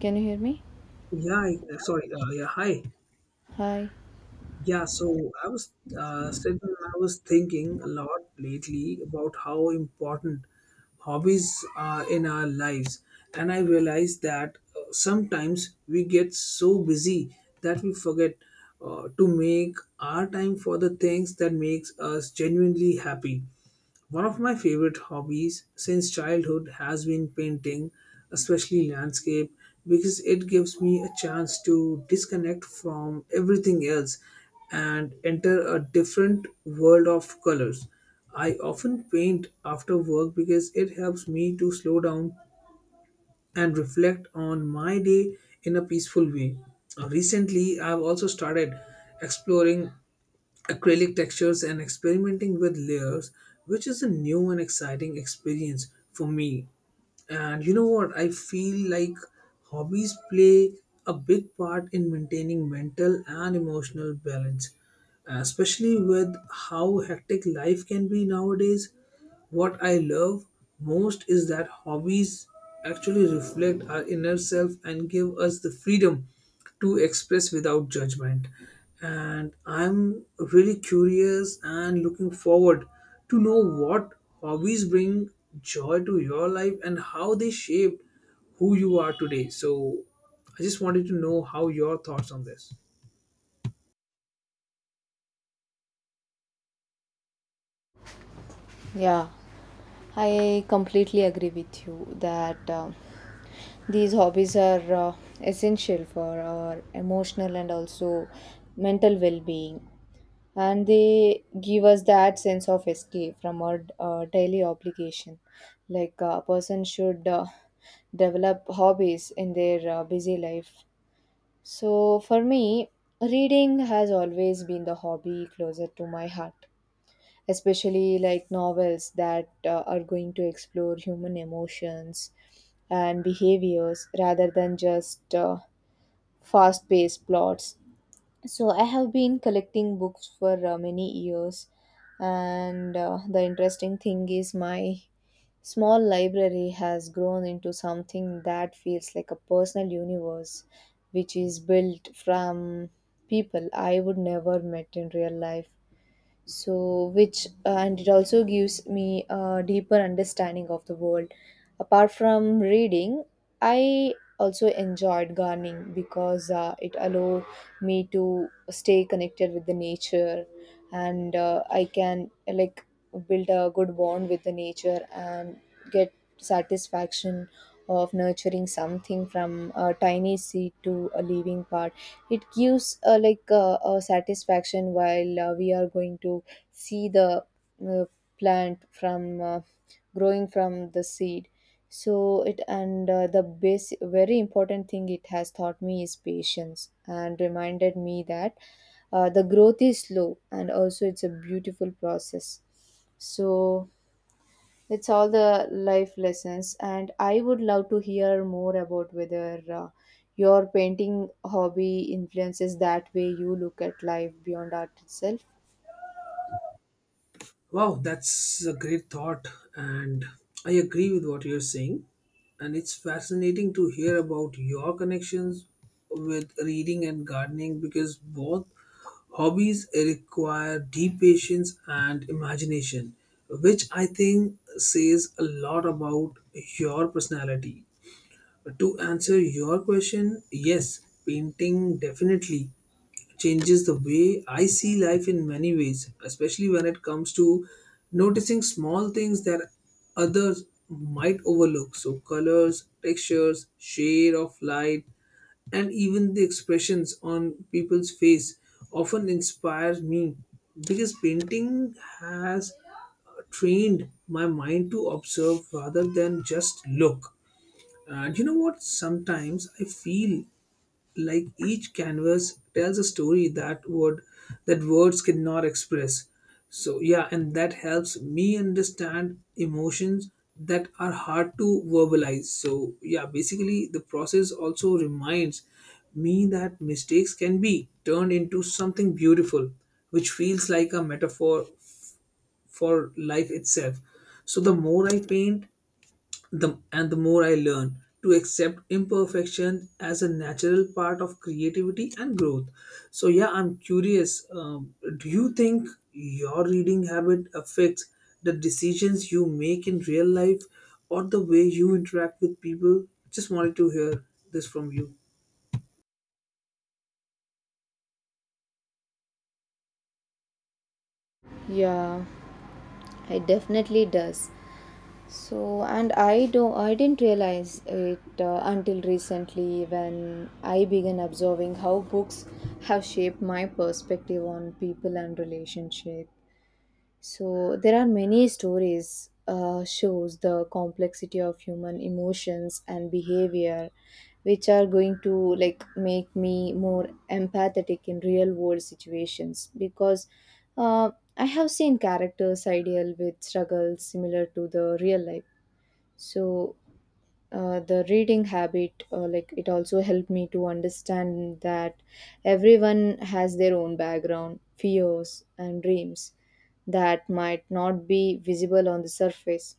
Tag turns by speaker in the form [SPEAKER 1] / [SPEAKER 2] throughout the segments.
[SPEAKER 1] Can you hear me?
[SPEAKER 2] Yeah, I- sorry. Yeah, hi.
[SPEAKER 1] Hi.
[SPEAKER 2] Yeah, so I was sitting, and I was thinking a lot lately about how important hobbies are in our lives, and I realized that sometimes we get so busy that we forget to make our time for the things that makes us genuinely happy. One of my favorite hobbies since childhood has been painting, especially landscape, because it gives me a chance to disconnect from everything else and enter a different world of colors. I often paint after work because it helps me to slow down and reflect on my day in a peaceful way. Recently, I've also started exploring acrylic textures and experimenting with layers, which is a new and exciting experience for me. And you know what? I feel like hobbies play a big part in maintaining mental and emotional balance. Especially with how hectic life can be nowadays. What I love most is that hobbies actually reflect our inner self and give us the freedom to express without judgment. And I'm really curious and looking forward to know what hobbies bring joy to your life and how they shape who you are today. So I just wanted to know how your thoughts on this.
[SPEAKER 1] Yeah, I completely agree with you that these hobbies are essential for our emotional and also mental well being, and they give us that sense of escape from our daily obligation. Like a person should develop hobbies in their busy life. So, for me, reading has always been the hobby closer to my heart, especially like novels that are going to explore human emotions and behaviors rather than just fast paced plots. So, I have been collecting books for many years, and the interesting thing is, my small library has grown into something that feels like a personal universe which is built from people I would never met in real life, so which and it also gives me a deeper understanding of the world. Apart from reading, I also enjoyed gardening because it allowed me to stay connected with the nature, and I can like build a good bond with the nature and get satisfaction of nurturing something from a tiny seed to a living part. It gives a satisfaction while we are going to see the uh, plant from growing from the seed. So it, and the base very important thing it has taught me is patience, and reminded me that the growth is slow, and also it's a beautiful process. So it's all the life lessons, and I would love to hear more about whether your painting hobby influences that way you look at life beyond art itself.
[SPEAKER 2] Wow, that's a great thought, and I agree with what you're saying. And it's fascinating to hear about your connections with reading and gardening because both hobbies require deep patience and imagination, which I think says a lot about your personality. To answer your question, yes, painting definitely changes the way I see life in many ways, especially when it comes to noticing small things that others might overlook. So, colors, textures, shade of light, and even the expressions on people's face often inspires me because painting has trained my mind to observe rather than just look. And you know what? Sometimes I feel like each canvas tells a story that words cannot express. So yeah, and that helps me understand emotions that are hard to verbalize. So yeah, basically the process also reminds me that mistakes can be turned into something beautiful, which feels like a metaphor for life itself. So the more I paint, the and the more I learn to accept imperfection as a natural part of creativity and growth. So yeah, I'm curious. Do you think your reading habit affects the decisions you make in real life or the way you interact with people? Just wanted to hear this from you.
[SPEAKER 1] Yeah, it definitely does. So, and I don't, I didn't realize it until recently when I began observing how books have shaped my perspective on people and relationships. So there are many stories shows the complexity of human emotions and behavior, which are going to like make me more empathetic in real world situations, because uh, I have seen characters ideal with struggles similar to the real life. So the reading habit, like it also helped me to understand that everyone has their own background fears and dreams that might not be visible on the surface,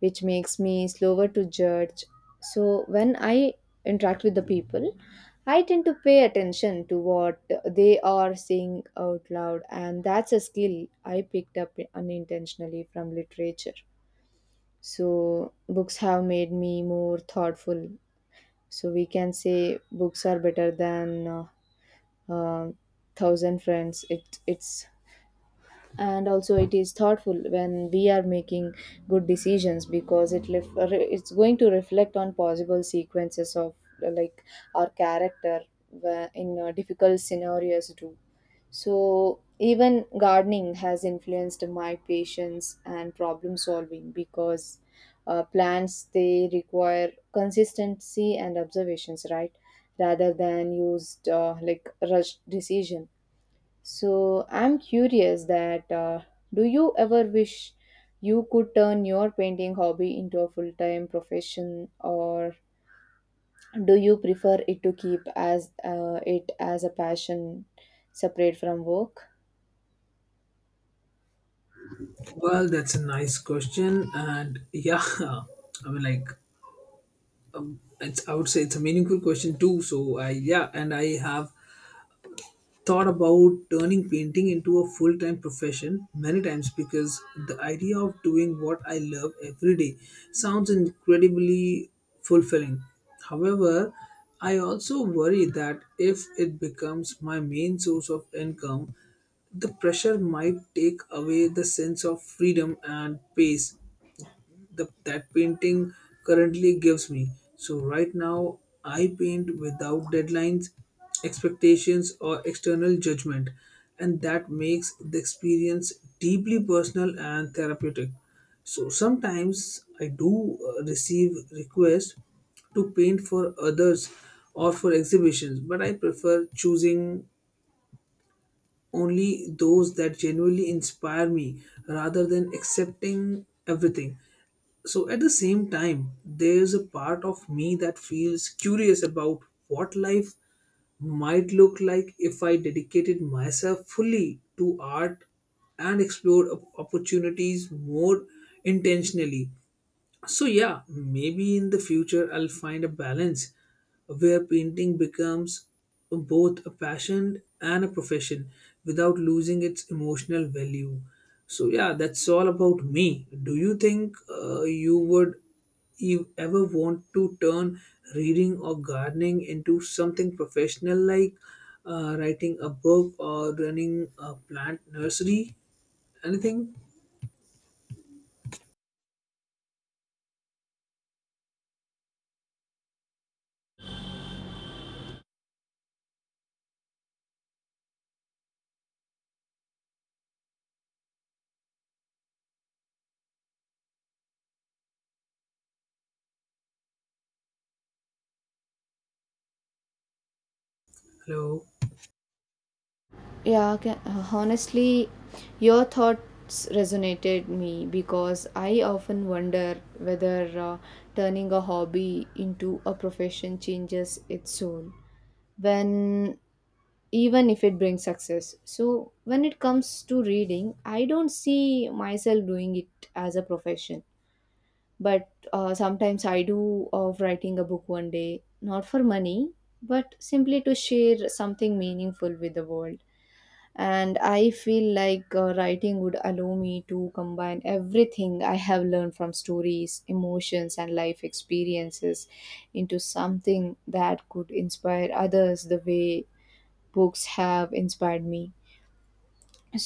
[SPEAKER 1] which makes me slower to judge. So when I interact with the people, I tend to pay attention to what they are saying out loud, and that's a skill I picked up unintentionally from literature. So books have made me more thoughtful. So we can say books are better than uh, thousand friends. It's and also it is thoughtful when we are making good decisions, because it's going to reflect on possible sequences of uh, like our character in difficult scenarios too. So even gardening has influenced my patience and problem solving, because plants they require consistency and observations, right? Rather than used rushed decision. So I'm curious that, do you ever wish you could turn your painting hobby into a full-time profession, or do you prefer it to keep as it as a passion separate from work?
[SPEAKER 2] Well, that's a nice question, and yeah, mean, like, I would say it's a meaningful question too. So I yeah, and I have thought about turning painting into a full time profession many times because the idea of doing what I love every day sounds incredibly fulfilling. However, I also worry that if it becomes my main source of income, the pressure might take away the sense of freedom and pace the that painting currently gives me. So right now I paint without deadlines, expectations or external judgment, and that makes the experience deeply personal and therapeutic. So sometimes I do receive requests to paint for others or for exhibitions, but I prefer choosing only those that genuinely inspire me rather than accepting everything. So at the same time there's a part of me that feels curious about what life might look like if I dedicated myself fully to art and explored opportunities more intentionally. So, yeah, maybe in the future I'll find a balance where painting becomes both a passion and a profession without losing its emotional value. So, yeah, that's all about me. Do you think you ever want to turn reading or gardening into something professional, like writing a book or running a plant nursery? Anything? Hello.
[SPEAKER 1] Yeah, honestly, your thoughts resonated me because I often wonder whether turning a hobby into a profession changes its soul. When, even if it brings success. So, when it comes to reading, I don't see myself doing it as a profession. But sometimes I do of writing a book one day, not for money, but simply to share something meaningful with the world. And I feel like writing would allow me to combine everything I have learned from stories, emotions, and life experiences into something that could inspire others the way books have inspired me.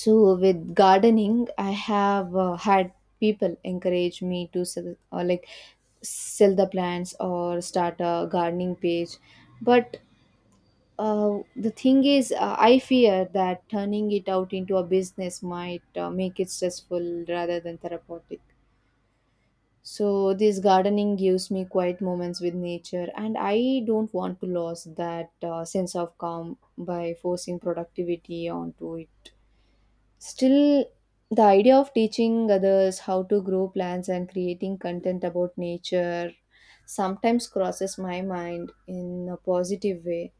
[SPEAKER 1] So with gardening, I have had people encourage me to sell, or like sell the plants or start a gardening page, but the thing is, I fear that turning it out into a business might make it stressful rather than therapeutic. So this gardening gives me quiet moments with nature, and I don't want to lose that sense of calm by forcing productivity onto it. Still, the idea of teaching others how to grow plants and creating content about nature sometimes crosses my mind in a positive way.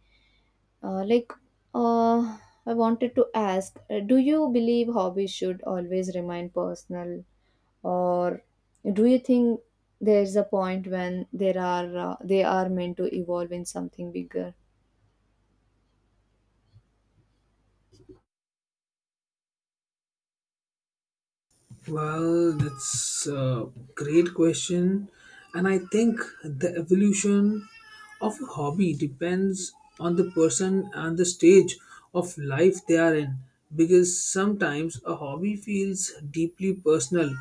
[SPEAKER 1] Uh, like, uh, I wanted to ask, do you believe hobbies should always remain personal, or do you think there's a point when there are they are meant to evolve in something bigger?
[SPEAKER 2] Well, that's a great question. And I think the evolution of a hobby depends on the person and the stage of life they are in. Because sometimes a hobby feels deeply personal,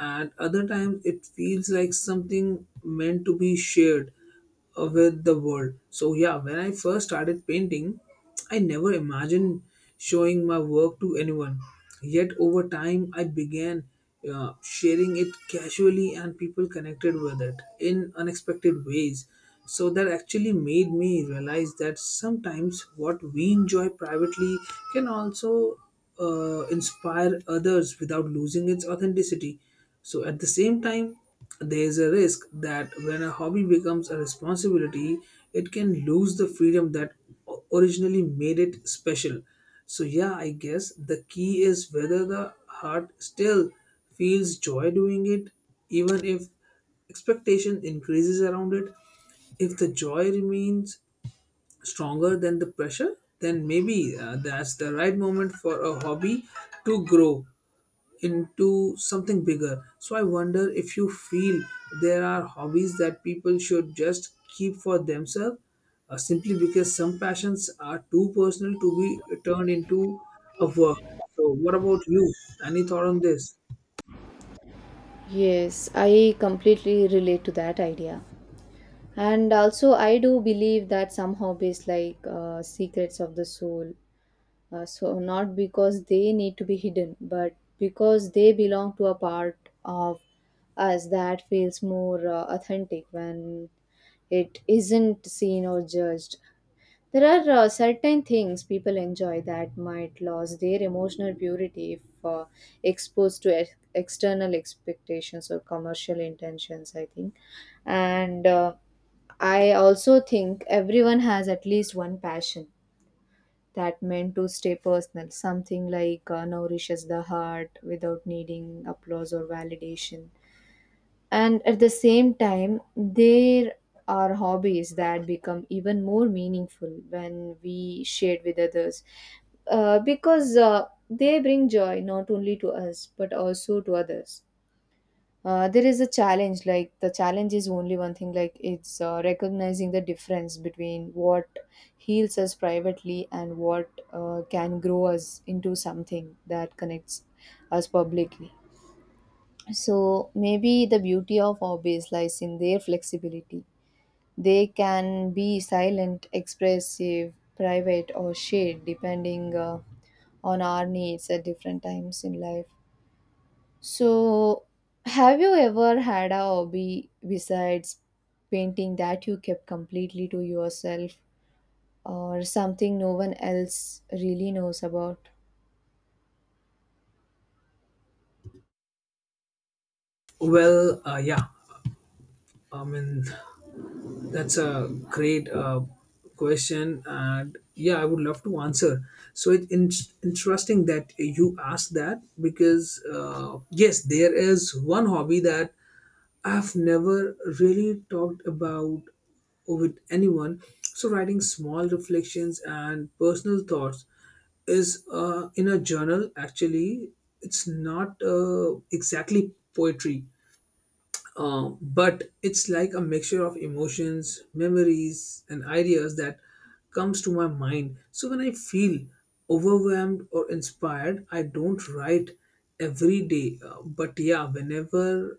[SPEAKER 2] at other times, it feels like something meant to be shared with the world. So, yeah, when I first started painting, I never imagined showing my work to anyone. Yet, over time, I began sharing it casually, and people connected with it in unexpected ways. So, that actually made me realize that sometimes what we enjoy privately can also inspire others without losing its authenticity. So at the same time, there is a risk that when a hobby becomes a responsibility, it can lose the freedom that originally made it special. So yeah, I guess the key is whether the heart still feels joy doing it, even if expectation increases around it. If the joy remains stronger than the pressure, then maybe that's the right moment for a hobby to grow into something bigger. So I wonder if you feel there are hobbies that people should just keep for themselves, simply because some passions are too personal to be turned into a work. So what about you? Any thought on this?
[SPEAKER 1] Yes, I completely relate to that idea. And also, I do believe that some hobbies like secrets of the soul, so not because they need to be hidden, but because they belong to a part of us that feels more authentic when it isn't seen or judged. There are certain things people enjoy that might lose their emotional purity if exposed to external expectations or commercial intentions, I think. And I also think everyone has at least one passion that meant to stay personal, something like nourishes the heart without needing applause or validation. And at the same time, there are hobbies that become even more meaningful when we shared with others, because they bring joy not only to us but also to others. There is a challenge, like the challenge is only one thing, like it's recognizing the difference between what heals us privately and what can grow us into something that connects us publicly. So maybe the beauty of hobbies lies in their flexibility. They can be silent, expressive, private, or shared, depending on our needs at different times in life. So, have you ever had a hobby besides painting that you kept completely to yourself, or something no one else really knows about?
[SPEAKER 2] Well, yeah, I mean, that's a great question, and yeah, I would love to answer. So it's interesting that you asked that because, yes, there is one hobby that I've never really talked about with anyone. So writing small reflections and personal thoughts is in a journal. Actually, it's not exactly poetry, but it's like a mixture of emotions, memories, and ideas that comes to my mind. So when I feel overwhelmed or inspired, I don't write every day. But yeah, whenever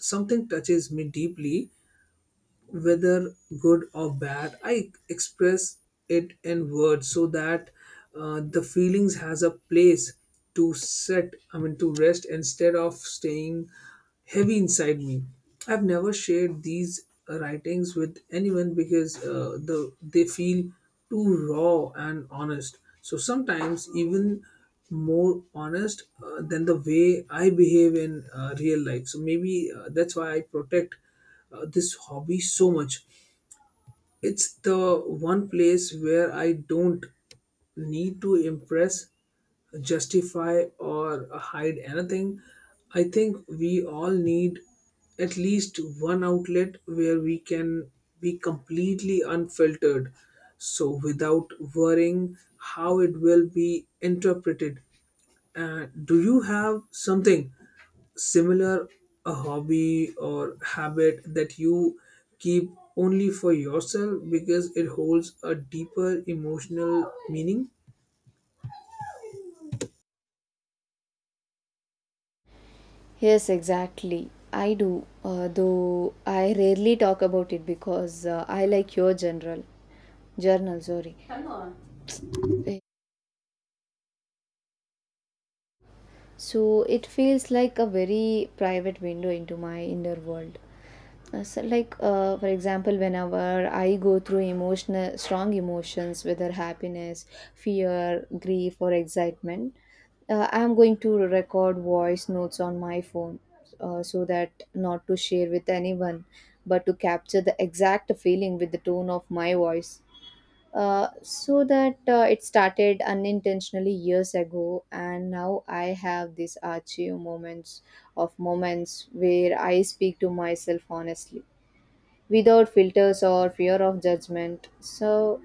[SPEAKER 2] something touches me deeply, whether good or bad, I express it in words so that the feelings has a place to set, I mean to rest, instead of staying heavy inside me. I've never shared these writings with anyone because they feel too raw and honest, so sometimes even more honest than the way I behave in real life. So maybe that's why I protect this hobby so much. It's the one place where I don't need to impress, justify, or hide anything. I think we all need at least one outlet where we can be completely unfiltered. So, without worrying how it will be interpreted. Do you have something similar, a hobby or habit that you keep only for yourself because it holds a deeper emotional meaning?
[SPEAKER 1] Yes, exactly. I do, though I rarely talk about it because I like your general journal, sorry. So it feels like a very private window into my inner world. So like for example, whenever I go through emotional strong emotions, whether happiness, fear, grief, or excitement, I am going to record voice notes on my phone, so that not to share with anyone, but to capture the exact feeling with the tone of my voice. So that it started unintentionally years ago, and now I have these archive moments of moments where I speak to myself honestly, without filters or fear of judgment. So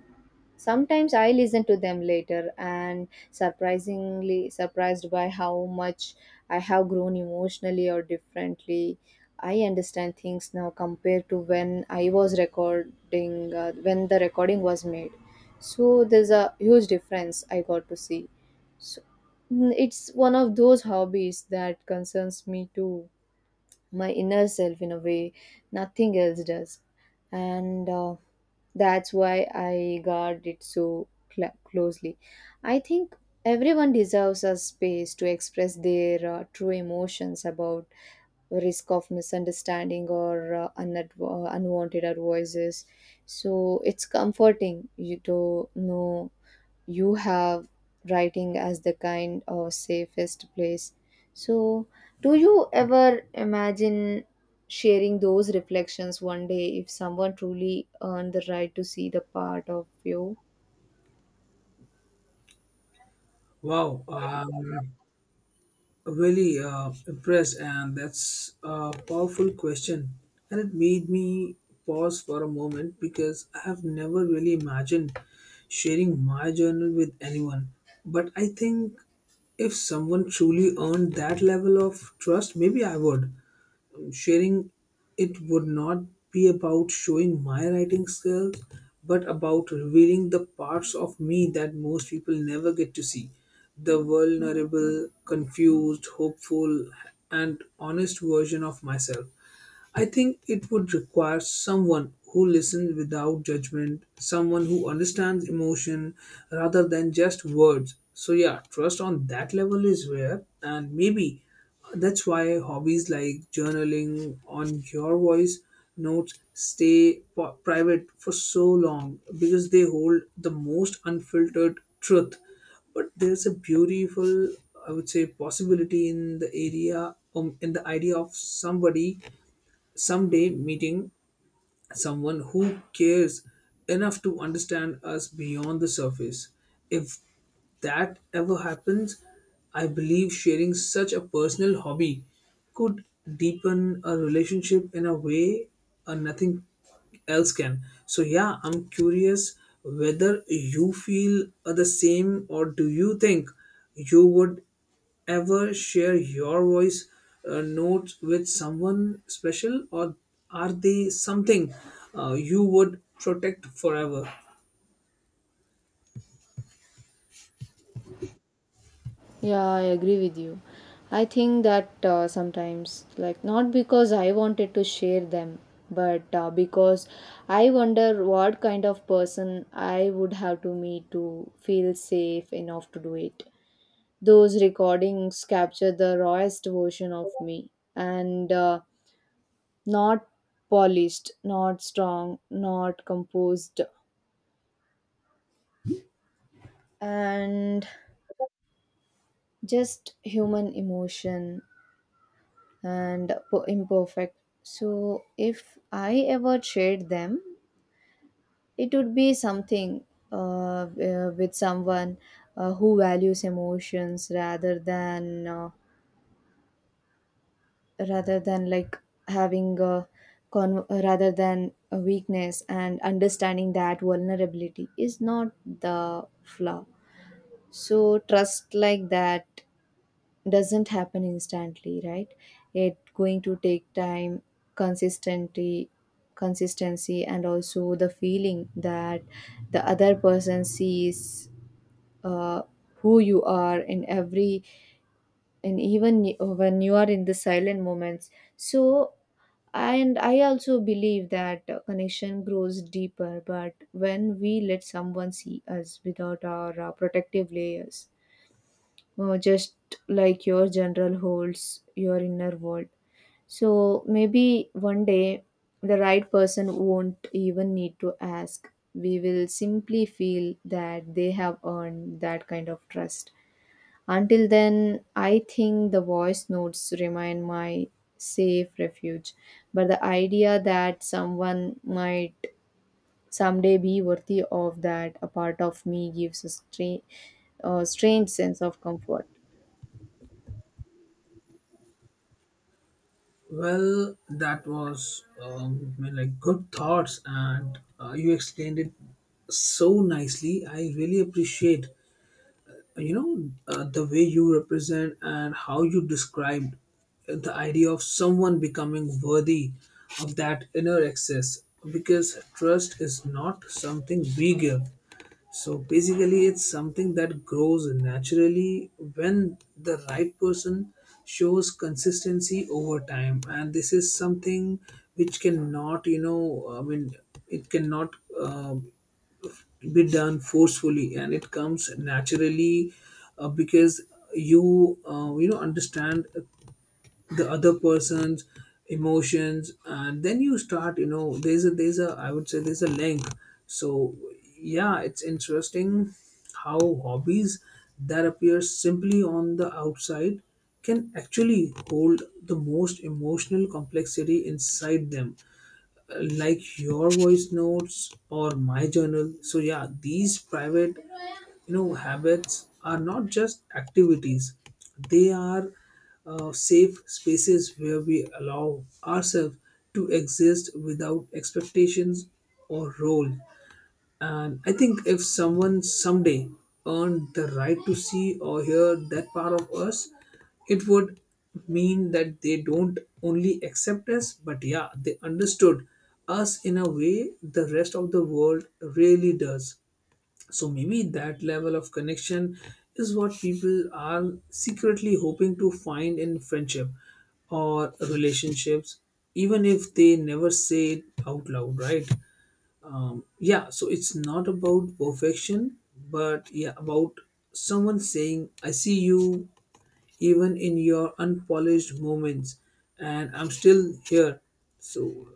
[SPEAKER 1] sometimes I listen to them later, and surprisingly surprised by how much I have grown emotionally or differently. I understand things now compared to when I was recording, when the recording was made. So there's a huge difference I got to see. So, it's one of those hobbies that concerns me too, my inner self in a way nothing else does. And that's why I guard it so closely. I think everyone deserves a space to express their true emotions about risk of misunderstanding or unwanted advices. So it's comforting you to know you have writing as the kind of safest place. So, do you ever imagine sharing those reflections one day, if someone truly earned the right to see the part of you?
[SPEAKER 2] Wow, I'm really impressed, and that's a powerful question, and it made me pause for a moment because I have never really imagined sharing my journal with anyone. But I think if someone truly earned that level of trust, maybe I would. Sharing it would not be about showing my writing skills, but about revealing the parts of me that most people never get to see: the vulnerable, confused, hopeful, and honest version of myself. I think it would require someone who listens without judgment, someone who understands emotion rather than just words. So, yeah, trust on that level is rare, and maybe that's why hobbies like journaling on your voice notes stay private for so long, because they hold the most unfiltered truth. But there's a beautiful, I would say, possibility in the idea of somebody someday meeting someone who cares enough to understand us beyond the surface. If that ever happens, I believe sharing such a personal hobby could deepen a relationship in a way nothing else can. So, yeah, I'm curious whether you feel the same, or do you think you would ever share your voice notes with someone special, or are they something you would protect forever?
[SPEAKER 1] Yeah, I agree with you. I think that sometimes, like, not because I wanted to share them, but because I wonder what kind of person I would have to meet to feel safe enough to do it. Those recordings capture the rawest version of me, and not polished, not strong, not composed, and just human emotion and imperfect. So, if I ever shared them, it would be something with someone who values emotions rather than. Rather than like having a rather than a weakness, and understanding that vulnerability is not the flaw. So trust like that doesn't happen instantly, right? It going to take time, consistency, consistency, and also the feeling that the other person sees uh, who you are in every, and even when you are in the silent moments. So, and I also believe that connection grows deeper but when we let someone see us without our protective layers, just like your general holds your inner world. So maybe one day the right person won't even need to ask. We will simply feel that they have earned that kind of trust. Until then, I think the voice notes remain my safe refuge. But the idea that someone might someday be worthy of that, a part of me gives a, a strange sense of comfort.
[SPEAKER 2] Well, that was my, like, good thoughts, and you explained it so nicely. I really appreciate, you know, the way you represent and how you described the idea of someone becoming worthy of that inner access, because trust is not something we give. So basically it's something that grows naturally when the right person shows consistency over time, and this is something which cannot, you know, I mean, it cannot, um be done forcefully. And it comes naturally, because you, you know, understand the other person's emotions, and then you start, you know, there's a, I would say there's a link. So yeah, it's interesting how hobbies that appear simply on the outside can actually hold the most emotional complexity inside them, like your voice notes or my journal. So yeah, these private, you know, habits are not just activities, they are safe spaces where we allow ourselves to exist without expectations or role. And I think if someone someday earned the right to see or hear that part of us, it would mean that they don't only accept us, but yeah, they understood us in a way the rest of the world really does. So maybe that level of connection is what people are secretly hoping to find in friendship or relationships, even if they never say it out loud, right? Yeah, so it's not about perfection but yeah about someone saying I see you even in your unpolished moments and I'm still here. So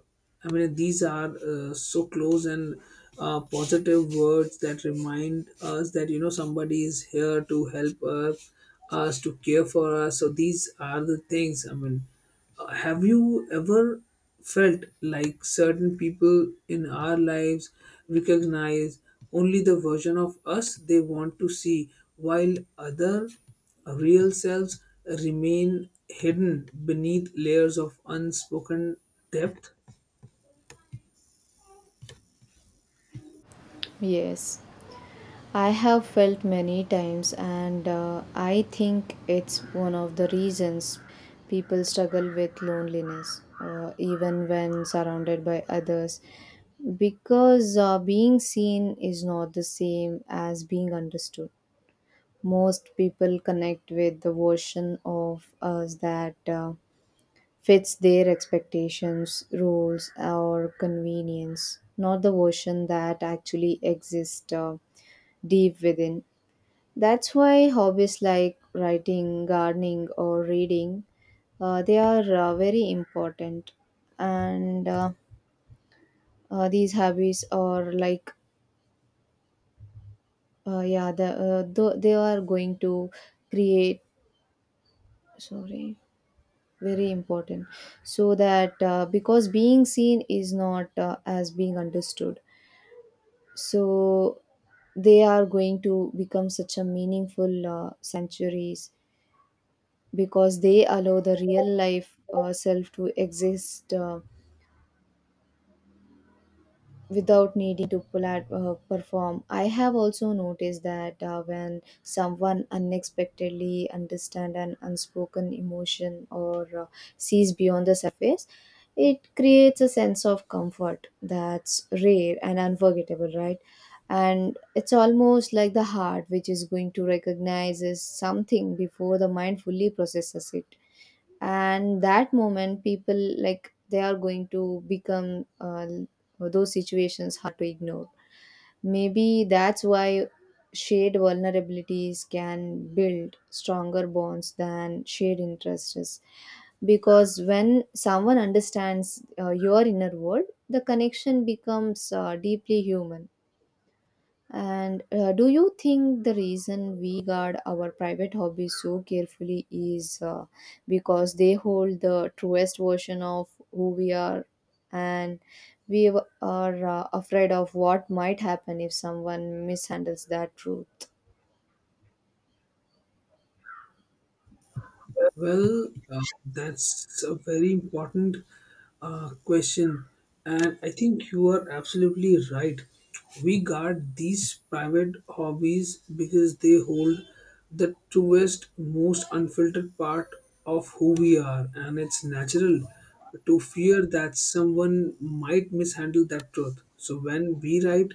[SPEAKER 2] I mean these are so close and positive words that remind us that somebody is here to help us, us to care for us. So these are the things I mean. Have you ever felt like certain people in our lives recognize only the version of us they want to see while other real selves remain hidden beneath layers of unspoken depth?
[SPEAKER 1] Yes. I have felt many times, and I think it's one of the reasons people struggle with loneliness, even when surrounded by others, because being seen is not the same as being understood. Most people connect with the version of us that fits their expectations, rules, or convenience, not the version that actually exists deep within. That's why hobbies like writing, gardening, or reading, they are very important. And These hobbies are like, they are going to create, sorry, very important. So that because being seen is not as being understood. So they are going to become such a meaningful sanctuaries because they allow the real life self to exist without needing to pull out, perform. I have also noticed that when someone unexpectedly understands an unspoken emotion or sees beyond the surface, it creates a sense of comfort that's rare and unforgettable, right? And it's almost like the heart, which is going to recognize something before the mind fully processes it. And that moment people like they are going to become those situations hard to ignore. Maybe that's why shared vulnerabilities can build stronger bonds than shared interests, because when someone understands your inner world, the connection becomes deeply human. And do you think the reason we guard our private hobbies so carefully is because they hold the truest version of who we are, and we are afraid of what might happen if someone mishandles that truth?
[SPEAKER 2] Well, that's a very important question, and I think you are absolutely right. We guard these private hobbies because they hold the truest, most unfiltered part of who we are, and it's natural to fear that someone might mishandle that truth. So, when we write,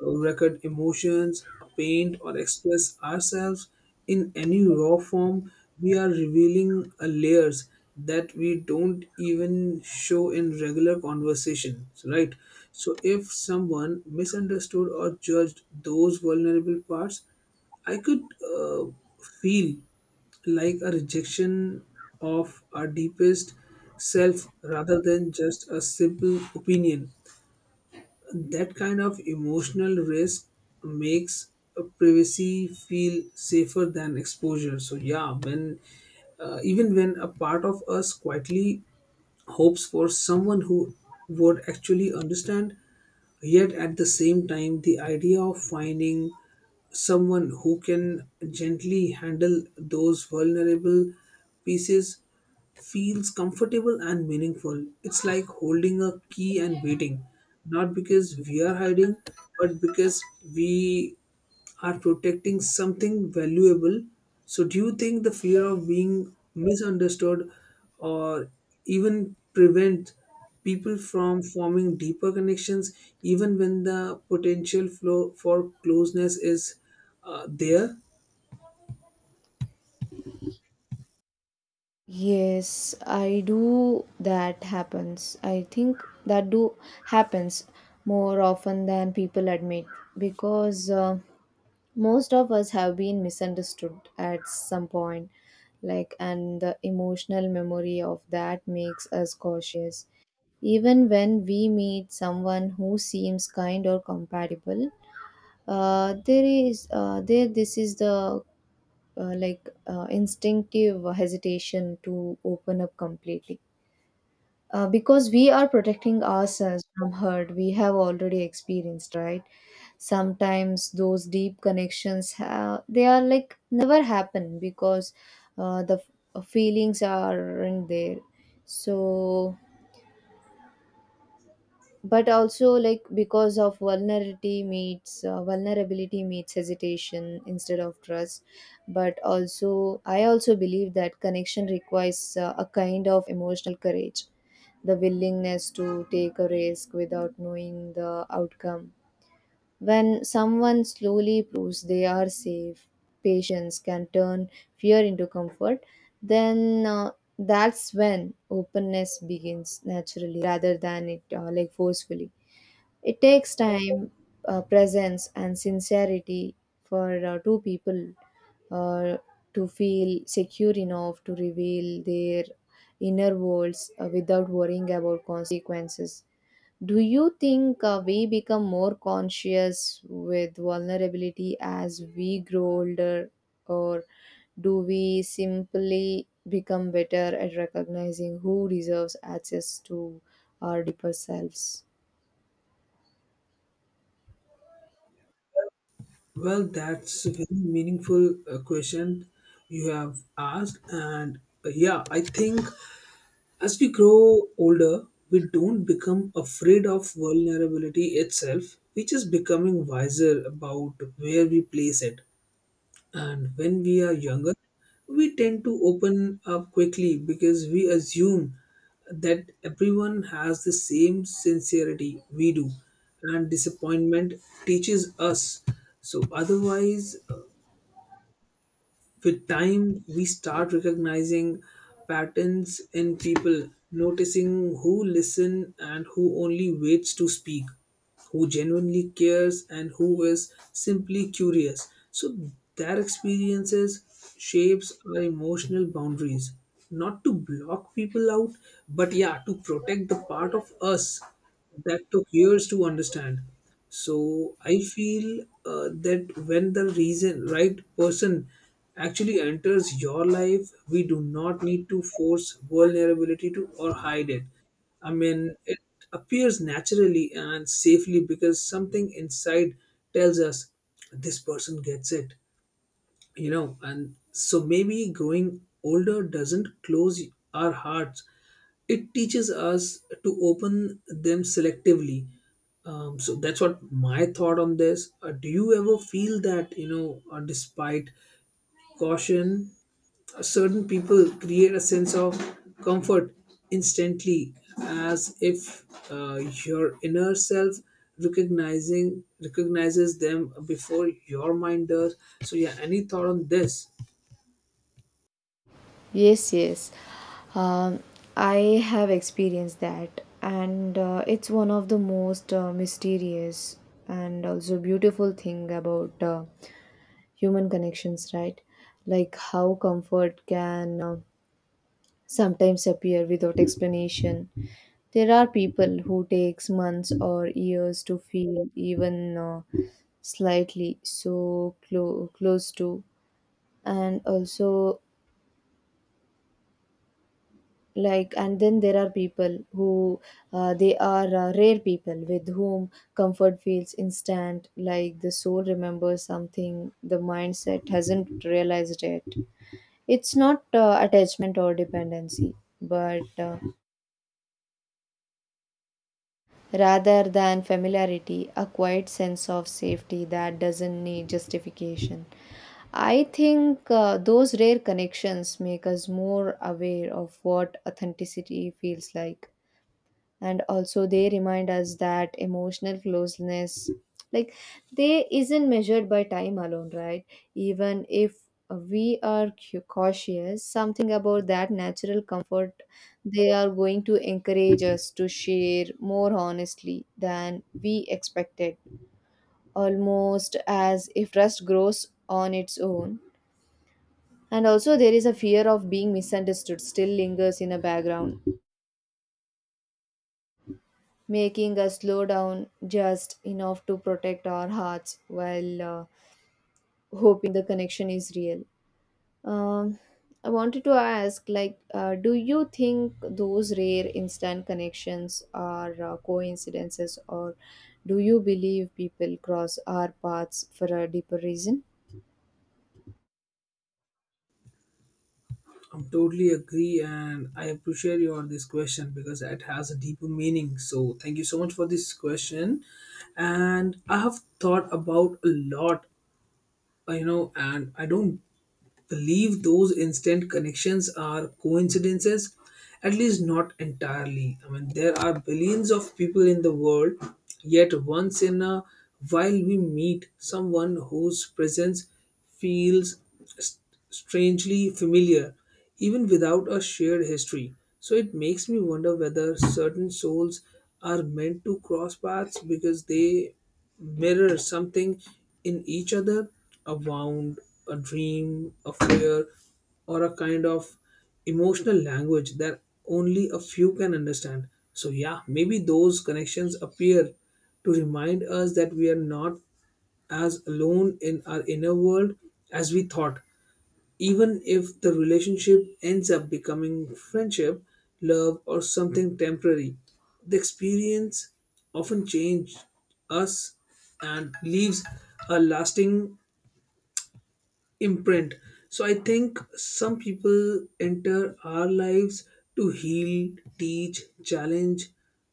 [SPEAKER 2] record emotions, paint, or express ourselves in any raw form, we are revealing a layers that we don't even show in regular conversations, right? So, if someone misunderstood or judged those vulnerable parts, I could uh, feel like a rejection of our deepest self rather than just a simple opinion. That kind of emotional risk makes a privacy feel safer than exposure. So yeah, when even when a part of us quietly hopes for someone who would actually understand. Yet at the same time, the idea of finding someone who can gently handle those vulnerable pieces feels comfortable and meaningful. It's like holding a key and waiting, not because we are hiding, but because we are protecting something valuable. So, do you think the fear of being misunderstood or even prevent people from forming deeper connections, even when the potential flow for closeness is there?
[SPEAKER 1] Yes, I do. That happens. I think that do happens more often than people admit, because most of us have been misunderstood at some point, like, and the emotional memory of that makes us cautious. Even when we meet someone who seems kind or compatible, there is there this is the like instinctive hesitation to open up completely, because we are protecting ourselves from hurt we have already experienced, right? Sometimes those deep connections they are like never happen, because the feelings aren't there, so. But also, like, because of vulnerability meets hesitation instead of trust. But also I also believe that connection requires a kind of emotional courage, the willingness to take a risk without knowing the outcome. When someone slowly proves they are safe, patience can turn fear into comfort. Then That's when openness begins naturally rather than it like forcefully. It takes time, presence, and sincerity for two people uh, to feel secure enough to reveal their inner worlds without worrying about consequences. Do you think we become more conscious with vulnerability as we grow older, or do we simply become better at recognizing who deserves access to our deeper selves?
[SPEAKER 2] Well, that's a very meaningful question you have asked, and yeah, I think as we grow older, we don't become afraid of vulnerability itself, we just becoming wiser about where we place it. And when we are younger, we tend to open up quickly because we assume that everyone has the same sincerity we do, and disappointment teaches us. So otherwise, with time, we start recognizing patterns in people, noticing who listen and who only waits to speak, who genuinely cares and who is simply curious. So their experiences shapes our emotional boundaries, not to block people out, but yeah, to protect the part of us that took years to understand. So I feel that when the reason right person actually enters your life, we do not need to force vulnerability to or hide it. I mean, it appears naturally and safely because something inside tells us this person gets it, you know. And so maybe growing older doesn't close our hearts, it teaches us to open them selectively. So that's what my thought on this. Do you ever feel that despite caution, certain people create a sense of comfort instantly, as if uh, your inner self recognizing recognizes them before your mind does? So yeah, any thought on this?
[SPEAKER 1] Yes, yes. Um, I have experienced that, and it's one of the most mysterious and also beautiful thing about human connections, right? Like, how comfort can sometimes appear without explanation. There are people who takes months or years to feel even slightly so close to, and also, like, and then there are people who they are rare people with whom comfort feels instant, like the soul remembers something the mindset hasn't realized yet. It's not attachment or dependency, but rather than familiarity, a quiet sense of safety that doesn't need justification. I think those rare connections make us more aware of what authenticity feels like, and also they remind us that emotional closeness, like, they isn't measured by time alone, right? Even if we are cautious, something about that natural comfort, they are going to encourage us to share more honestly than we expected, almost as if trust grows on its own. And also there is a fear of being misunderstood still lingers in the background, making us slow down just enough to protect our hearts while hoping the connection is real. Um, I wanted to ask, like, do you think those rare instant connections are coincidences, or do you believe people cross our paths for a deeper reason?
[SPEAKER 2] I totally agree, and I appreciate you on this question because it has a deeper meaning. So, thank you so much for this question. And I have thought about a lot, you know, and I don't believe those instant connections are coincidences, at least not entirely. I mean, there are billions of people in the world, yet once in a while we meet someone whose presence feels s- strangely familiar, even without a shared history. So it makes me wonder whether certain souls are meant to cross paths because they mirror something in each other: a wound, a dream, a fear, or a kind of emotional language that only a few can understand. So, yeah, maybe those connections appear to remind us that we are not as alone in our inner world as we thought. Even if the relationship ends up becoming friendship, love, or something temporary, the experience often changes us and leaves a lasting imprint. So I think some people enter our lives to heal, teach, challenge,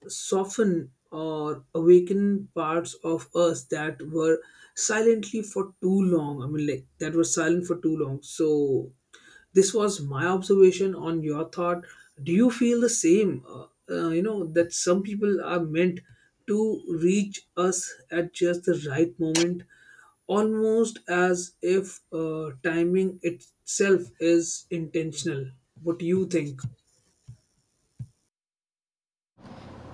[SPEAKER 2] soften, or awaken parts of us that were silently for too long. I mean, like that were silent for too long. So this was my observation on your thought. Do you feel the same? You know that some people are meant to reach us at just the right moment, almost as if timing itself is intentional. What do you think?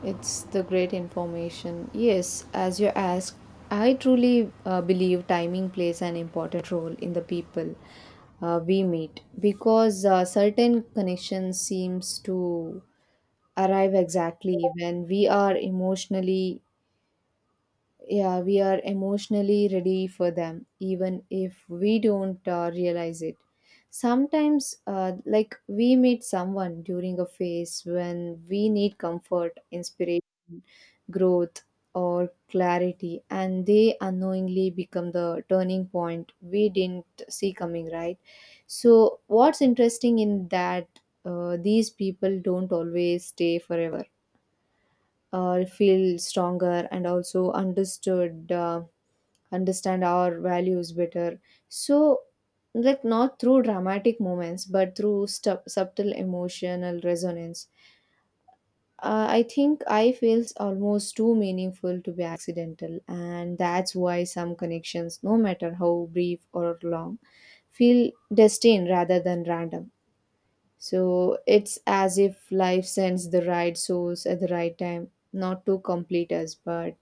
[SPEAKER 1] It's the great information. Yes, as you ask, I truly believe timing plays an important role in the people we meet, because certain connections seems to arrive exactly when we are emotionally, yeah, we are emotionally ready for them, even if we don't realize it. Sometimes, like, we meet someone during a phase when we need comfort, inspiration, growth, or clarity, and they unknowingly become the turning point we didn't see coming, right? So what's interesting in that, these people don't always stay forever, feel stronger and also understood, understand our values better. So, like, not through dramatic moments but through subtle emotional resonance. I think I feels almost too meaningful to be accidental, and that's why some connections, no matter how brief or long, feel destined rather than random. So it's as if life sends the right souls at the right time, not to complete us, but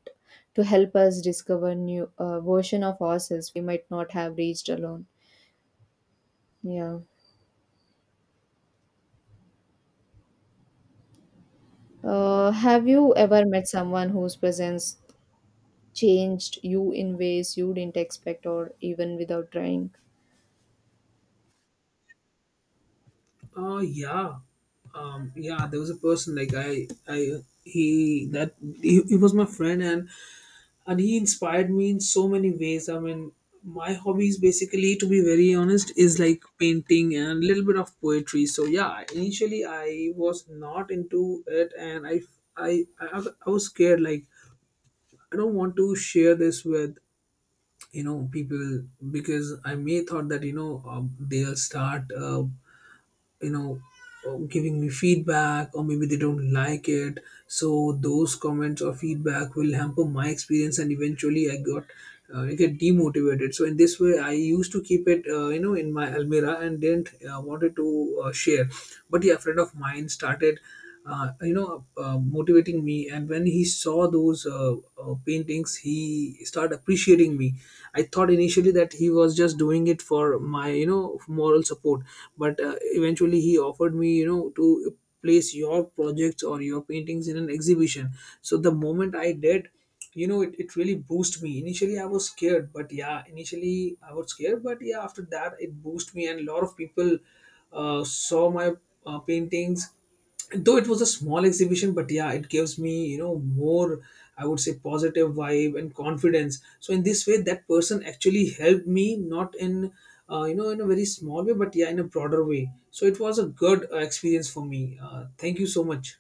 [SPEAKER 1] to help us discover new version of ourselves we might not have reached alone. Yeah. Have you ever met someone whose presence changed you in ways you didn't expect or even without trying?
[SPEAKER 2] Yeah, yeah, there was a person. Like, I he that he was my friend, and he inspired me in so many ways. I mean, my hobbies basically, to be very honest, is like painting and a little bit of poetry. So yeah, initially I was not into it, and i i, I was scared. Like, I don't want to share this with, you know, people, because I may thought that you know they'll start you know giving me feedback, or maybe they don't like it. So those comments or feedback will hamper my experience, and eventually I got I get demotivated. So in this way, I used to keep it, you know, in my almirah, and didn't wanted to share. But yeah, a friend of mine started you know motivating me, and when he saw those paintings, he started appreciating me. I thought initially that he was just doing it for my, you know, moral support, but eventually he offered me, you know, to place your projects or your paintings in an exhibition. So the moment I did, you know, it really boosted me. Initially I was scared, but yeah, after that it boosted me, and a lot of people saw my paintings. Though it was a small exhibition, but yeah, it gives me, you know, more, I would say, positive vibe and confidence. So in this way, that person actually helped me, not in you know, in a very small way, but yeah, in a broader way. So it was a good experience for me. Thank you so much.